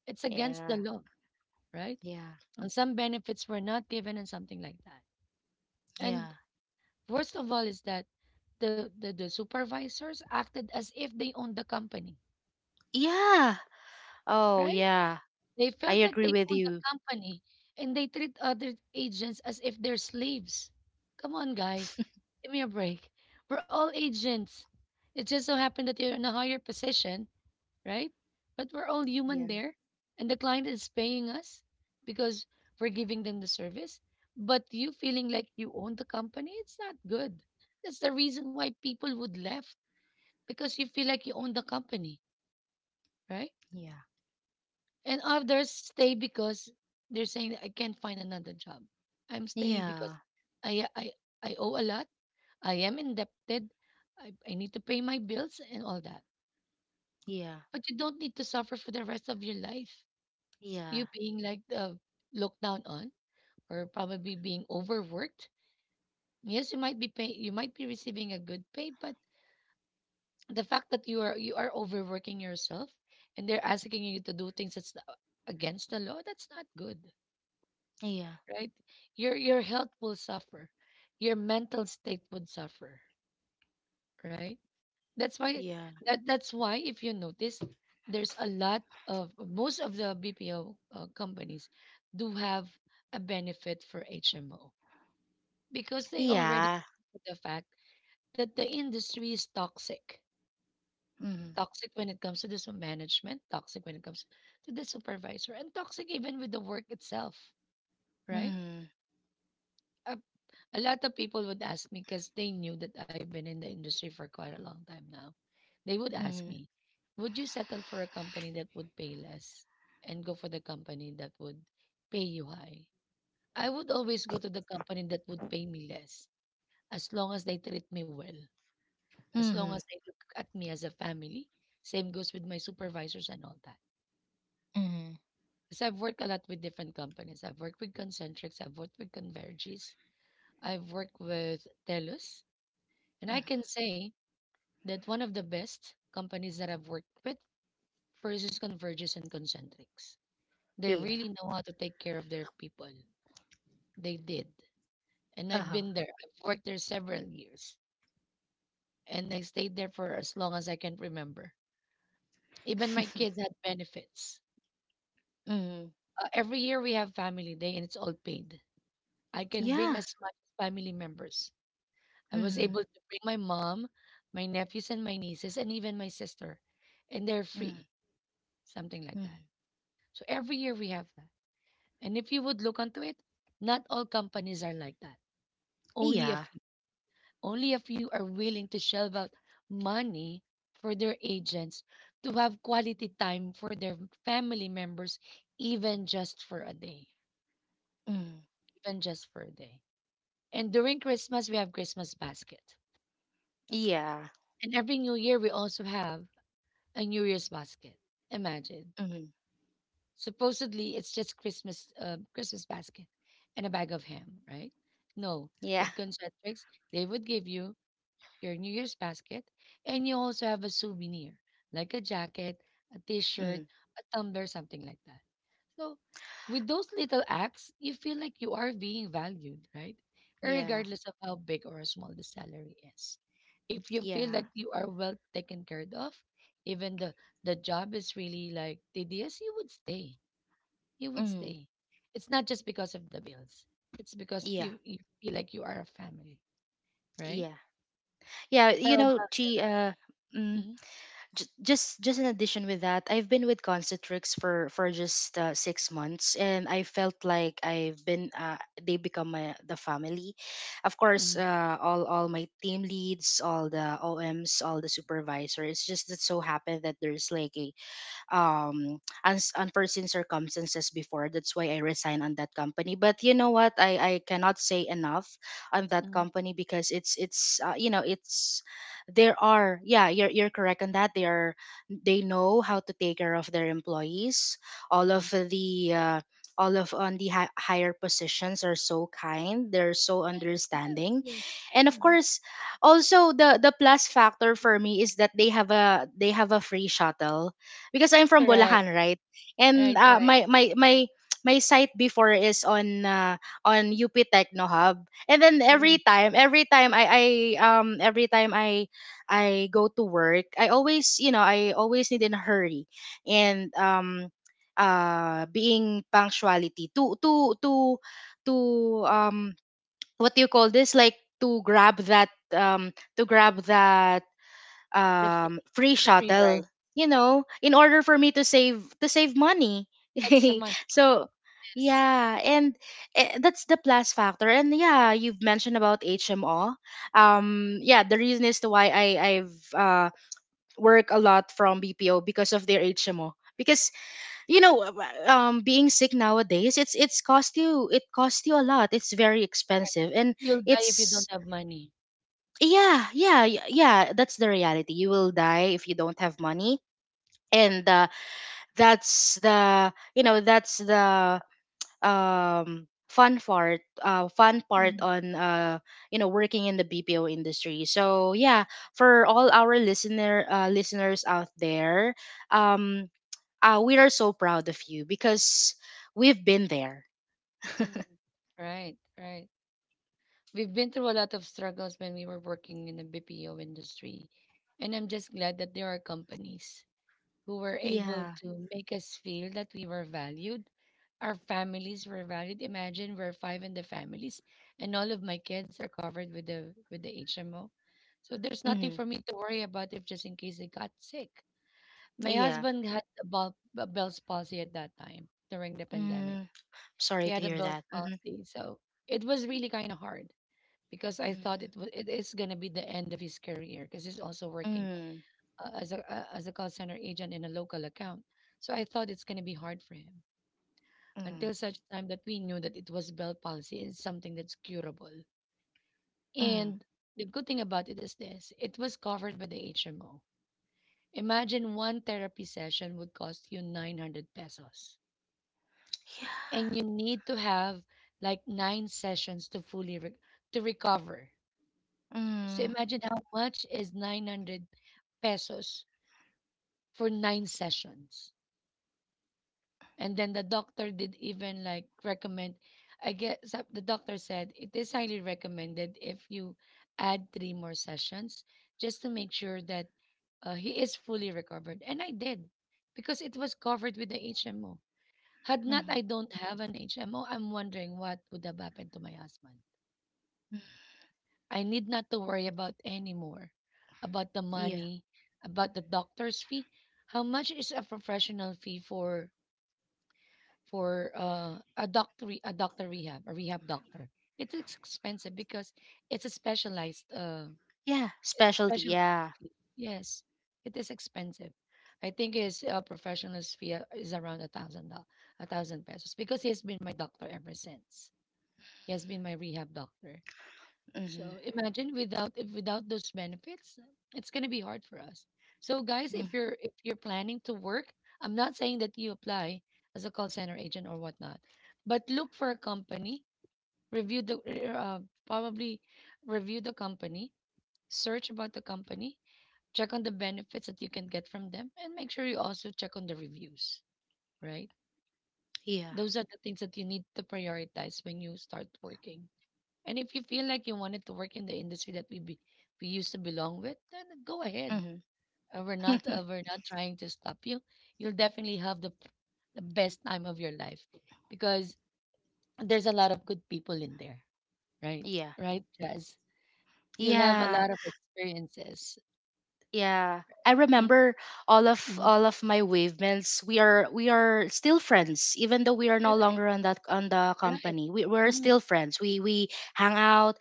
It's against yeah, the law, right? yeah, And some benefits were not given and something like that. yeah, And worst of all is that the supervisors acted as if they owned the company, yeah. Oh, right? yeah. They I felt like agree they with owned the you. company, and they treat other agents as if they're slaves. Come on, guys. Give me a break. We're all agents. It just so happened that you're in a higher position, right? But we're all Yeah, human there, and the client is paying us because we're giving them the service. But you feeling like you own the company, it's not good. That's the reason why people would left because you feel like you own the company, right? yeah, And others stay because they're saying I can't find another job. I'm staying because yeah, I I I owe a lot. I am indebted. I need to pay my bills and all that. yeah, But you don't need to suffer for the rest of your life, yeah, you being like looked down on or probably being overworked. Yes, you might be receiving a good pay, but the fact that you are overworking yourself and they're asking you to do things against the law, that's not good, yeah, right? Your health will suffer, your mental state would suffer, right? That's why yeah, that's why if you notice there's a lot of most of the BPO companies do have a benefit for HMO because they already yeah. know the fact that the industry is toxic. Mm, Toxic when it comes to the management, toxic when it comes to the supervisor, and toxic even with the work itself, right? mm, A, a lot of people would ask me because they knew that I've been in the industry for quite a long time now. They would ask mm, me, would you settle for a company that would pay less and go for the company that would pay you high? I would always go to the company that would pay me less as long as they treat me well. As long mm, as they look at me as a family. Same goes with my supervisors and all that. mm, Because I've worked a lot with different companies. I've worked with Concentrics, I've worked with Convergys, I've worked with Telus. And mm. I can say that one of the best companies that I've worked with first is Convergys and Concentrics. They Yeah. really know how to take care of their people. They did. And I've Uh-huh. been there. I've worked there several years. And I stayed there for as long as I can remember. Even my kids had benefits. Mm, Every year we have family day and it's all paid. I can bring yeah. as much as family members. I was Mm, able to bring my mom, my nephews and my nieces, and even my sister, and they're mm, free, something like that. mm. So every year we have that. And if you would look onto it, not all companies are like that. Only a Yeah. few. Only a few are willing to shell out money for their agents to have quality time for their family members, even just for a day. Mm, Even just for a day. And during Christmas, we have Christmas basket. yeah. And every New Year, we also have a New Year's basket. Imagine. Mm, Supposedly, it's just Christmas, Christmas basket, and a bag of ham, right? No, yeah. with concentrics, they would give you your New Year's basket, and you also have a souvenir like a jacket, a T-shirt, Mm, a tumbler, something like that. So, with those little acts, you feel like you are being valued, right? yeah. Regardless of how big or small the salary is. If Yeah. you feel that you are well taken care of, even the job is really like tedious, you would stay. You would Mm. stay. It's not just because of the bills. It's because Yeah. You feel like you are a family, right? Yeah. Yeah. How You know, about? Chi, mm, just in addition with that, I've been with Concentrix for just 6 months, and I felt like I've been they become my, the family. Of course, Mhm. All my team leads, all the OMs, all the supervisor. It's just that so happened that there's like a um uns unforeseen circumstances before. That's why I resigned on that company. But you know what? I cannot say enough on that Mhm. company because it's you know, it's there are, yeah, you're correct on that. They are, they know how to take care of their employees. All of the all of on the higher positions are so kind, they're so Yes, understanding. yes. And of Mhm. course, also the plus factor for me is that they have a free shuttle because I'm from Correct. Bulacan, right? And Right, right. My site before is on UP Techno Hub. And then Mm. Every time um every time I I go to work, I always, I always need in a hurry. And being punctuality to um what do you call this, like to grab that to grab that The free, um free the free shuttle, ride, you know, in order for me to save money. extra money. So Yes, yeah. And that's the plus factor. And yeah, you've mentioned about HMO. Yeah, the reason is to why I've work a lot from BPO because of their HMO, because, you know, being sick nowadays, it costs you a lot. It's very expensive. And you'll die if you don't it's, have money. yeah, yeah, yeah, that's the reality. You will die if you don't have money. And that's the you know that's the fun part, fun part Mm. on, uh, you know, working in the BPO industry. So yeah, for all our listeners out there, um we are so proud of you because we've been there. Mm. Right, right. We've been through a lot of struggles when we were working in the BPO industry, and I'm just glad that there are companies who were able Yeah. to make us feel that we were valued. Our families were valued. Imagine we're five in the families, and all of my kids are covered with the HMO. So there's nothing Mm-hmm. for me to worry about if just in case they got sick. My Yeah. husband had a a Bell's palsy at that time during the pandemic. Mm. He Sorry to had a hear Bell's that. Mm-hmm. palsy, so it was really kind of hard because I thought it was it is gonna be the end of his career because he's also working Mm. As a call center agent in a local account. So I thought it's going to be hard for him Mm. Mm. until such time that we knew that it was bell policy is something that's curable. Mm. And the good thing about it is this: it was covered by the HMO. Imagine one therapy session would cost you 900 pesos, Yeah. and you need to have like nine sessions to recover. So Mm. imagine how much is 900 pesos for nine sessions. And then the doctor did even like recommend, I guess the doctor said it is highly recommended if you add three more sessions just to make sure that he is fully recovered. And I did because it was covered with the HMO. Had not I Mm-hmm. don't have an HMO, I'm wondering what would have happened to my husband. I need not to worry about anymore about the Yeah. money, about the doctor's fee. How much is a professional fee for a rehab doctor, expensive because it's a specialized, Yeah. it's a Specialty. special Yeah. yes, it is expensive. I think his professional's fee is around 1,000, 1,000 pesos, because he has been my doctor ever since. He has been my rehab doctor. Mm-hmm. So imagine without if without those benefits, it's gonna be hard for us. So guys, Mm. If you're planning to work, I'm not saying that you apply as a call center agent or whatnot, but look for a company, review the uh, probably review the company, search about the company, check on the benefits that you can get from them, and make sure you also check on the reviews. Right, Yeah. those are the things that you need to prioritize when you start working. And if you feel like you wanted to work in the industry that we used to belong with, then go ahead. Mm-hmm. We're not we're not trying to stop you. You'll definitely have the the best time of your life because there's a lot of good people in there, right? yeah. Right, Jazz. You'll have a Yeah. lot of experiences. Yeah, I Mm. remember Mhm. all of my wavements. We are still friends, even though we are no Correct. longer on the Right. company. We we're Mhm. still friends. We hang out.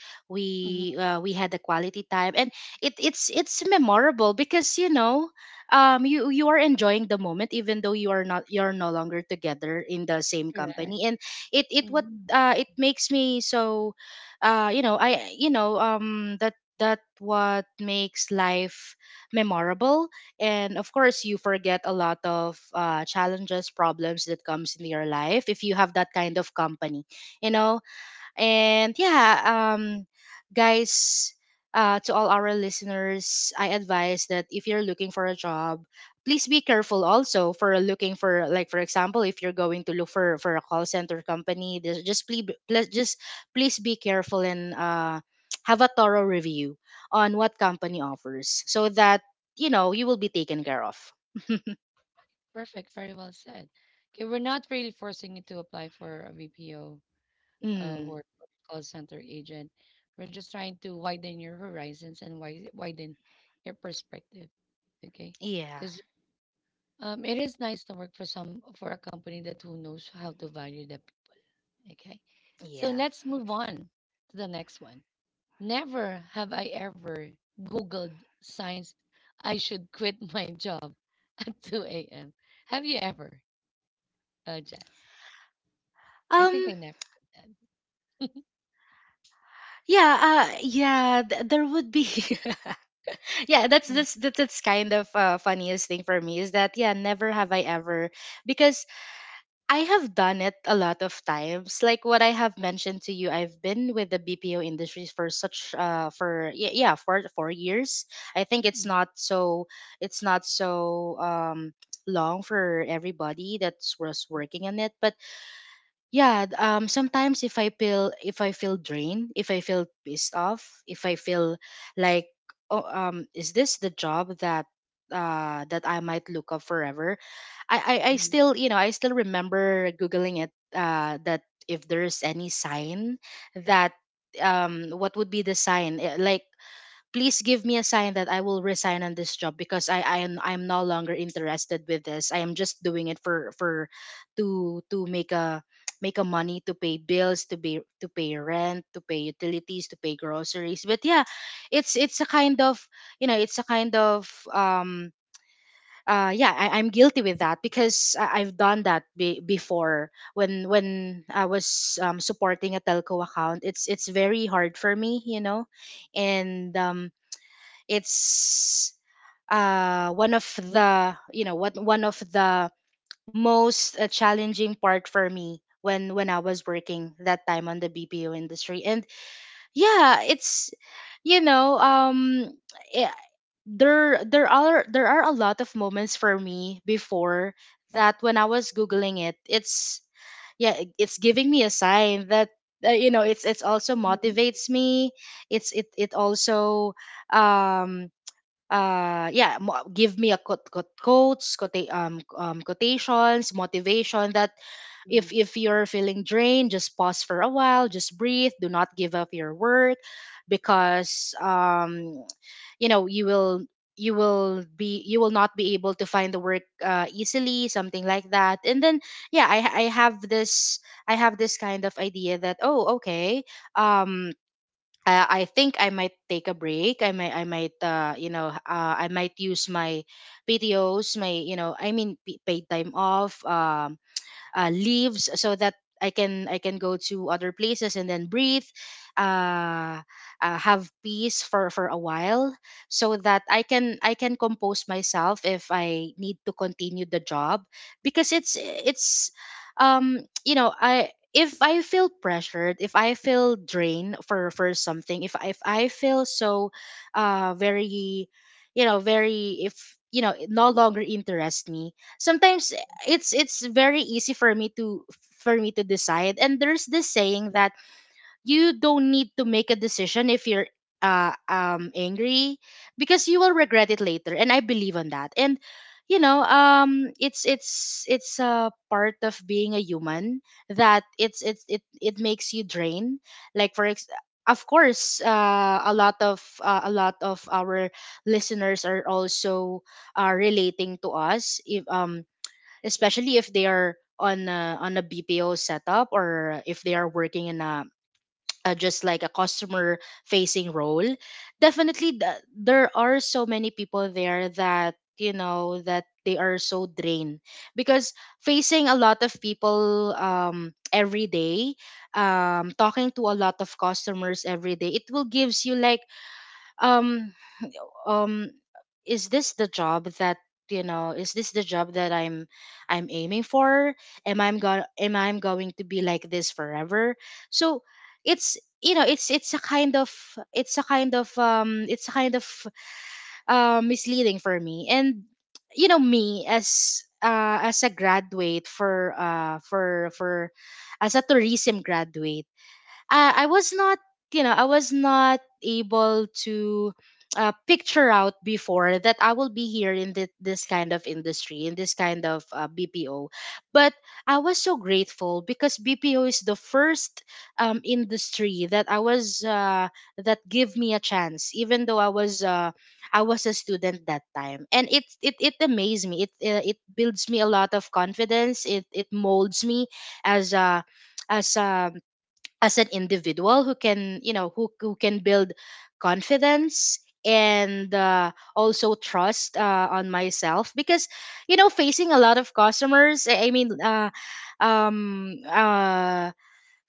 Mhm. We, we had the quality time. And it's memorable because, you know, you, you are enjoying the moment even though you are not you're no longer together in the same Correct. company. And it it what Mhm. It makes me so, uh, you know, that, that what makes life memorable. And of course, you forget a lot of, challenges, problems that comes in your life if you have that kind of company, you know? And yeah, guys, to all our listeners, I advise that if you're looking for a job, please be careful also for looking for, like, for example, if you're going to look for a call center company, just please, please just please be careful and, have a thorough review on what company offers, so that, you know, you will be taken care of. Perfect. Very well said. Okay, we're not really forcing you to apply for a VPO Mm. work or call center agent. We're just trying to widen your horizons and widen your perspective. Okay, Yeah. because it is nice to work for some for a company that who knows how to value the people. Okay, so Yeah. let's move on to the next one. Never have I ever Googled signs I should quit my job at 2 a.m. Have you ever, Jess? I think um I never did that. yeah. Yeah, there would be yeah, Mm. That's kind of, funniest thing for me is that, yeah, never have I ever, because I have done it a lot of times. Like what I have mentioned to you, I've been with the BPO industry for such, for yeah, yeah, for 4 years. I think it's not so, it's not so um long for everybody that's was working in it. But yeah, sometimes if I feel, if I feel drained, if I feel pissed off, if I feel like, oh, is this the job that, uh, that I might look up forever? I Mm. still, you know, I still remember googling it, that if there's any sign that, what would be the sign, like, please give me a sign that I will resign on this job because I'm no longer interested with this. I am just doing it for to make a, money to pay bills, to pay rent, to pay utilities, to pay groceries. But yeah, it's a kind of, you know, it's a kind of, yeah, I, I'm guilty with that because I, I've done that before when I was, supporting a telco account. It's very hard for me, you know. And it's, uh, one of the, you know what, one of the most, challenging part for me when I was working that time on the BPO industry. And yeah, it's, you know, eh, there, there are a lot of moments for me before, that when I was googling it, it's, yeah, it's giving me a sign that, you know, it's also motivates me, it's, it also, um yeah, give me a quote, quote, quotations motivation, that if you're feeling drained, just pause for a while, just breathe, do not give up your work. Because, you know, you will, you will be you will not be able to find the work, easily, something like that. And then, yeah, I have this, I have this kind of idea that, oh, okay, um I think I might take a break. I might, I might use my PTOs, my, you know, I mean, paid time off, leaves, so that I can go to other places and then breathe, uh, have peace for a while, so that I can compose myself if I need to continue the job, because it's, you know, I, if I feel pressured, if I feel drained for something, if I feel so, very, you know, very, if, you know, it no longer interest me, sometimes it's very easy for me to decide. And there's this saying that you don't need to make a decision if you're, angry, because you will regret it later, and I believe on that. And you know, it's, it's a part of being a human, that it's, it, it makes you drain, like for of course, a lot of, a lot of our listeners are also, relating to us, if, especially if they are on a BPO setup, or if they are working in a just like a customer facing role. Definitely, there are so many people there that, you know, that they are so drained, because facing a lot of people, every day, talking to a lot of customers every day, it will gives you like, um um is this the job that, you know, is this the job that I'm aiming for? Am I, am going to be like this forever? So it's, you know, it's a kind of, it's a kind of, it's a kind of, misleading for me. And you know, me as, as a graduate for, as a tourism graduate, I was not, you know, I was not able to, picture out before that I will be here in this kind of industry, in this kind of, BPO. But I was so grateful because BPO is the first, industry that I was, that gave me a chance, even though I was, I was a student that time. And it, it amazed me. It, it builds me a lot of confidence. It molds me as a, as a as an individual who can, you know, who can build confidence, and, also trust, on myself, because, you know, facing a lot of customers, I mean, um uh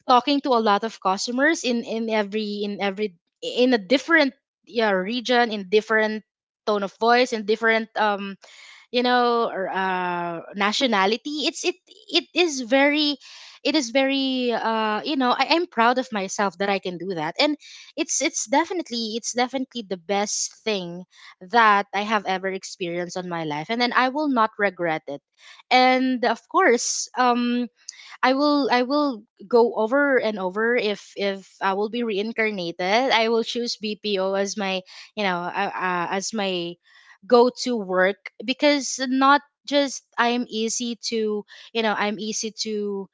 talking to a lot of customers in every in every in a different, yeah, region, in different tone of voice, in different, you know, or, nationality, it's, it is very, it is very, you know, I, I'm proud of myself that I can do that. And it's definitely, it's definitely the best thing that I have ever experienced on my life. And then I will not regret it. And of course, I will, I will go over and over if I will be reincarnated. I will choose BPO as my, you know, as my go to work. Because not just I'm easy to, you know, I'm easy to,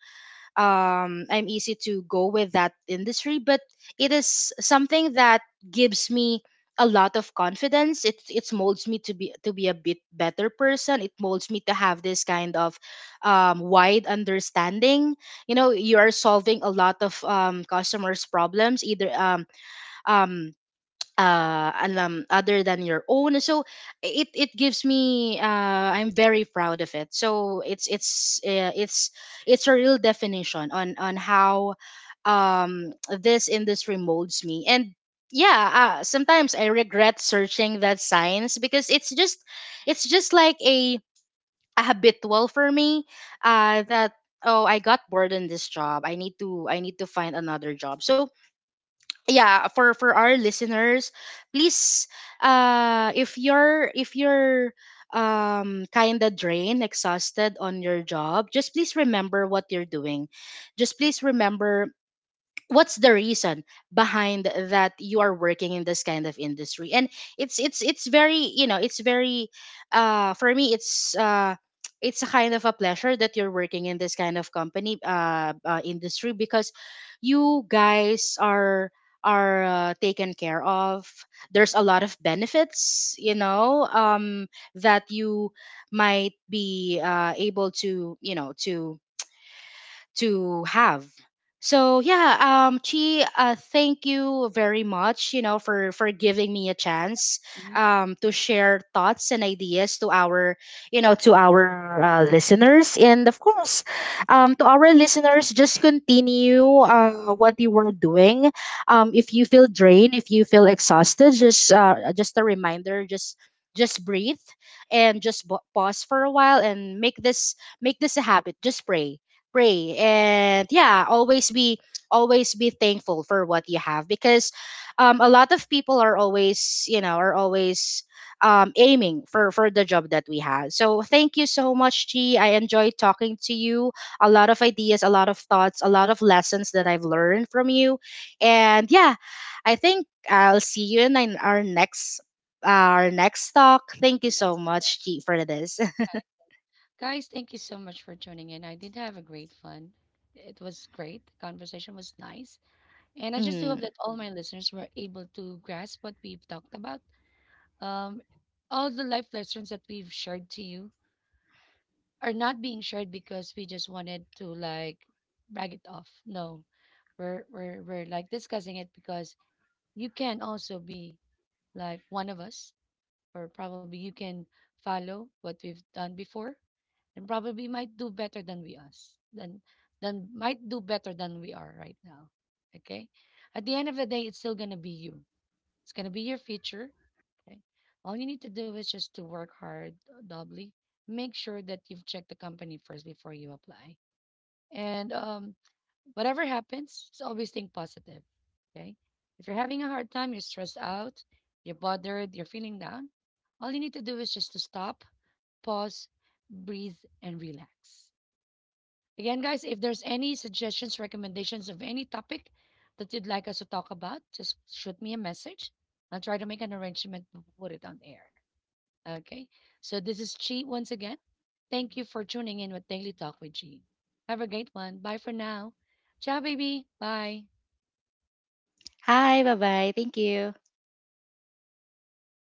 I'm easy to go with that industry. But it is something that gives me a lot of confidence. It molds me to be, to be a bit better person. It molds me to have this kind of, wide understanding. You know, you are solving a lot of, customers' problems, either, um, alam other than your own. So it gives me, I'm very proud of it. So it's, it's a real definition on how, um this industry molds me. And yeah, sometimes I regret searching that science because it's just, it's just like a habitual for me, that, oh, I got bored in this job, I need to, I need to find another job. So yeah, for our listeners, please, if you're, if you're kind of drained, exhausted on your job, just please remember what you're doing, just please remember what's the reason behind that you are working in this kind of industry. And it's, it's very, you know, it's very, for me, it's, it's a kind of a pleasure that you're working in this kind of company, industry, because you guys are, taken care of. There's a lot of benefits, you know, that you might be, able to, you know, to have. So yeah, Chi, thank you very much, you know, for giving me a chance, Mm. To share thoughts and ideas to our, you know, to our, listeners. And of course, to our listeners, just continue what you were doing. If you feel drained, if you feel exhausted, just, just a reminder, just breathe, and just pause for a while, and make this, make this a habit. Just pray, pray and yeah, always be thankful for what you have. Because, a lot of people are always, you know, are always, aiming for the job that we had. So thank you so much, G, I enjoyed talking to you. A lot of ideas, a lot of thoughts, a lot of lessons that I've learned from you. And yeah, I think I'll see you in our next, our next talk. Thank you so Yes, much, yes. G, for this. Guys, thank you so much for tuning in. I did have a great fun. It was great. The conversation was nice. And I just do hope Mm. that all my listeners were able to grasp what we've talked about. Um, all the life lessons that we've shared to you are not being shared because we just wanted to like brag it off. No, we're like discussing it because you can also be like one of us, or probably you can follow what we've done before and probably might do better than we us than might do better than we are right now. Okay, at the end of the day, it's still going to be you. It's going to be your future. Okay, all you need to do is just to work hard, doubly. Make sure that you've checked the company first before you apply. And whatever happens, just always think positive. Okay, if you're having a hard time, you're stressed out, you're bothered, you're feeling down, all you need to do is just to stop, pause, breathe, and relax. Again, guys, if there's any suggestions, recommendations of any topic that you'd like us to talk about, just shoot me a message. I'll try to make an arrangement to put it on air. Okay. So this is Chi once again. Thank you for tuning in with Daily Talk with Chi. Have a great one. Bye for now. Ciao, baby. Bye. Hi, bye bye, thank you.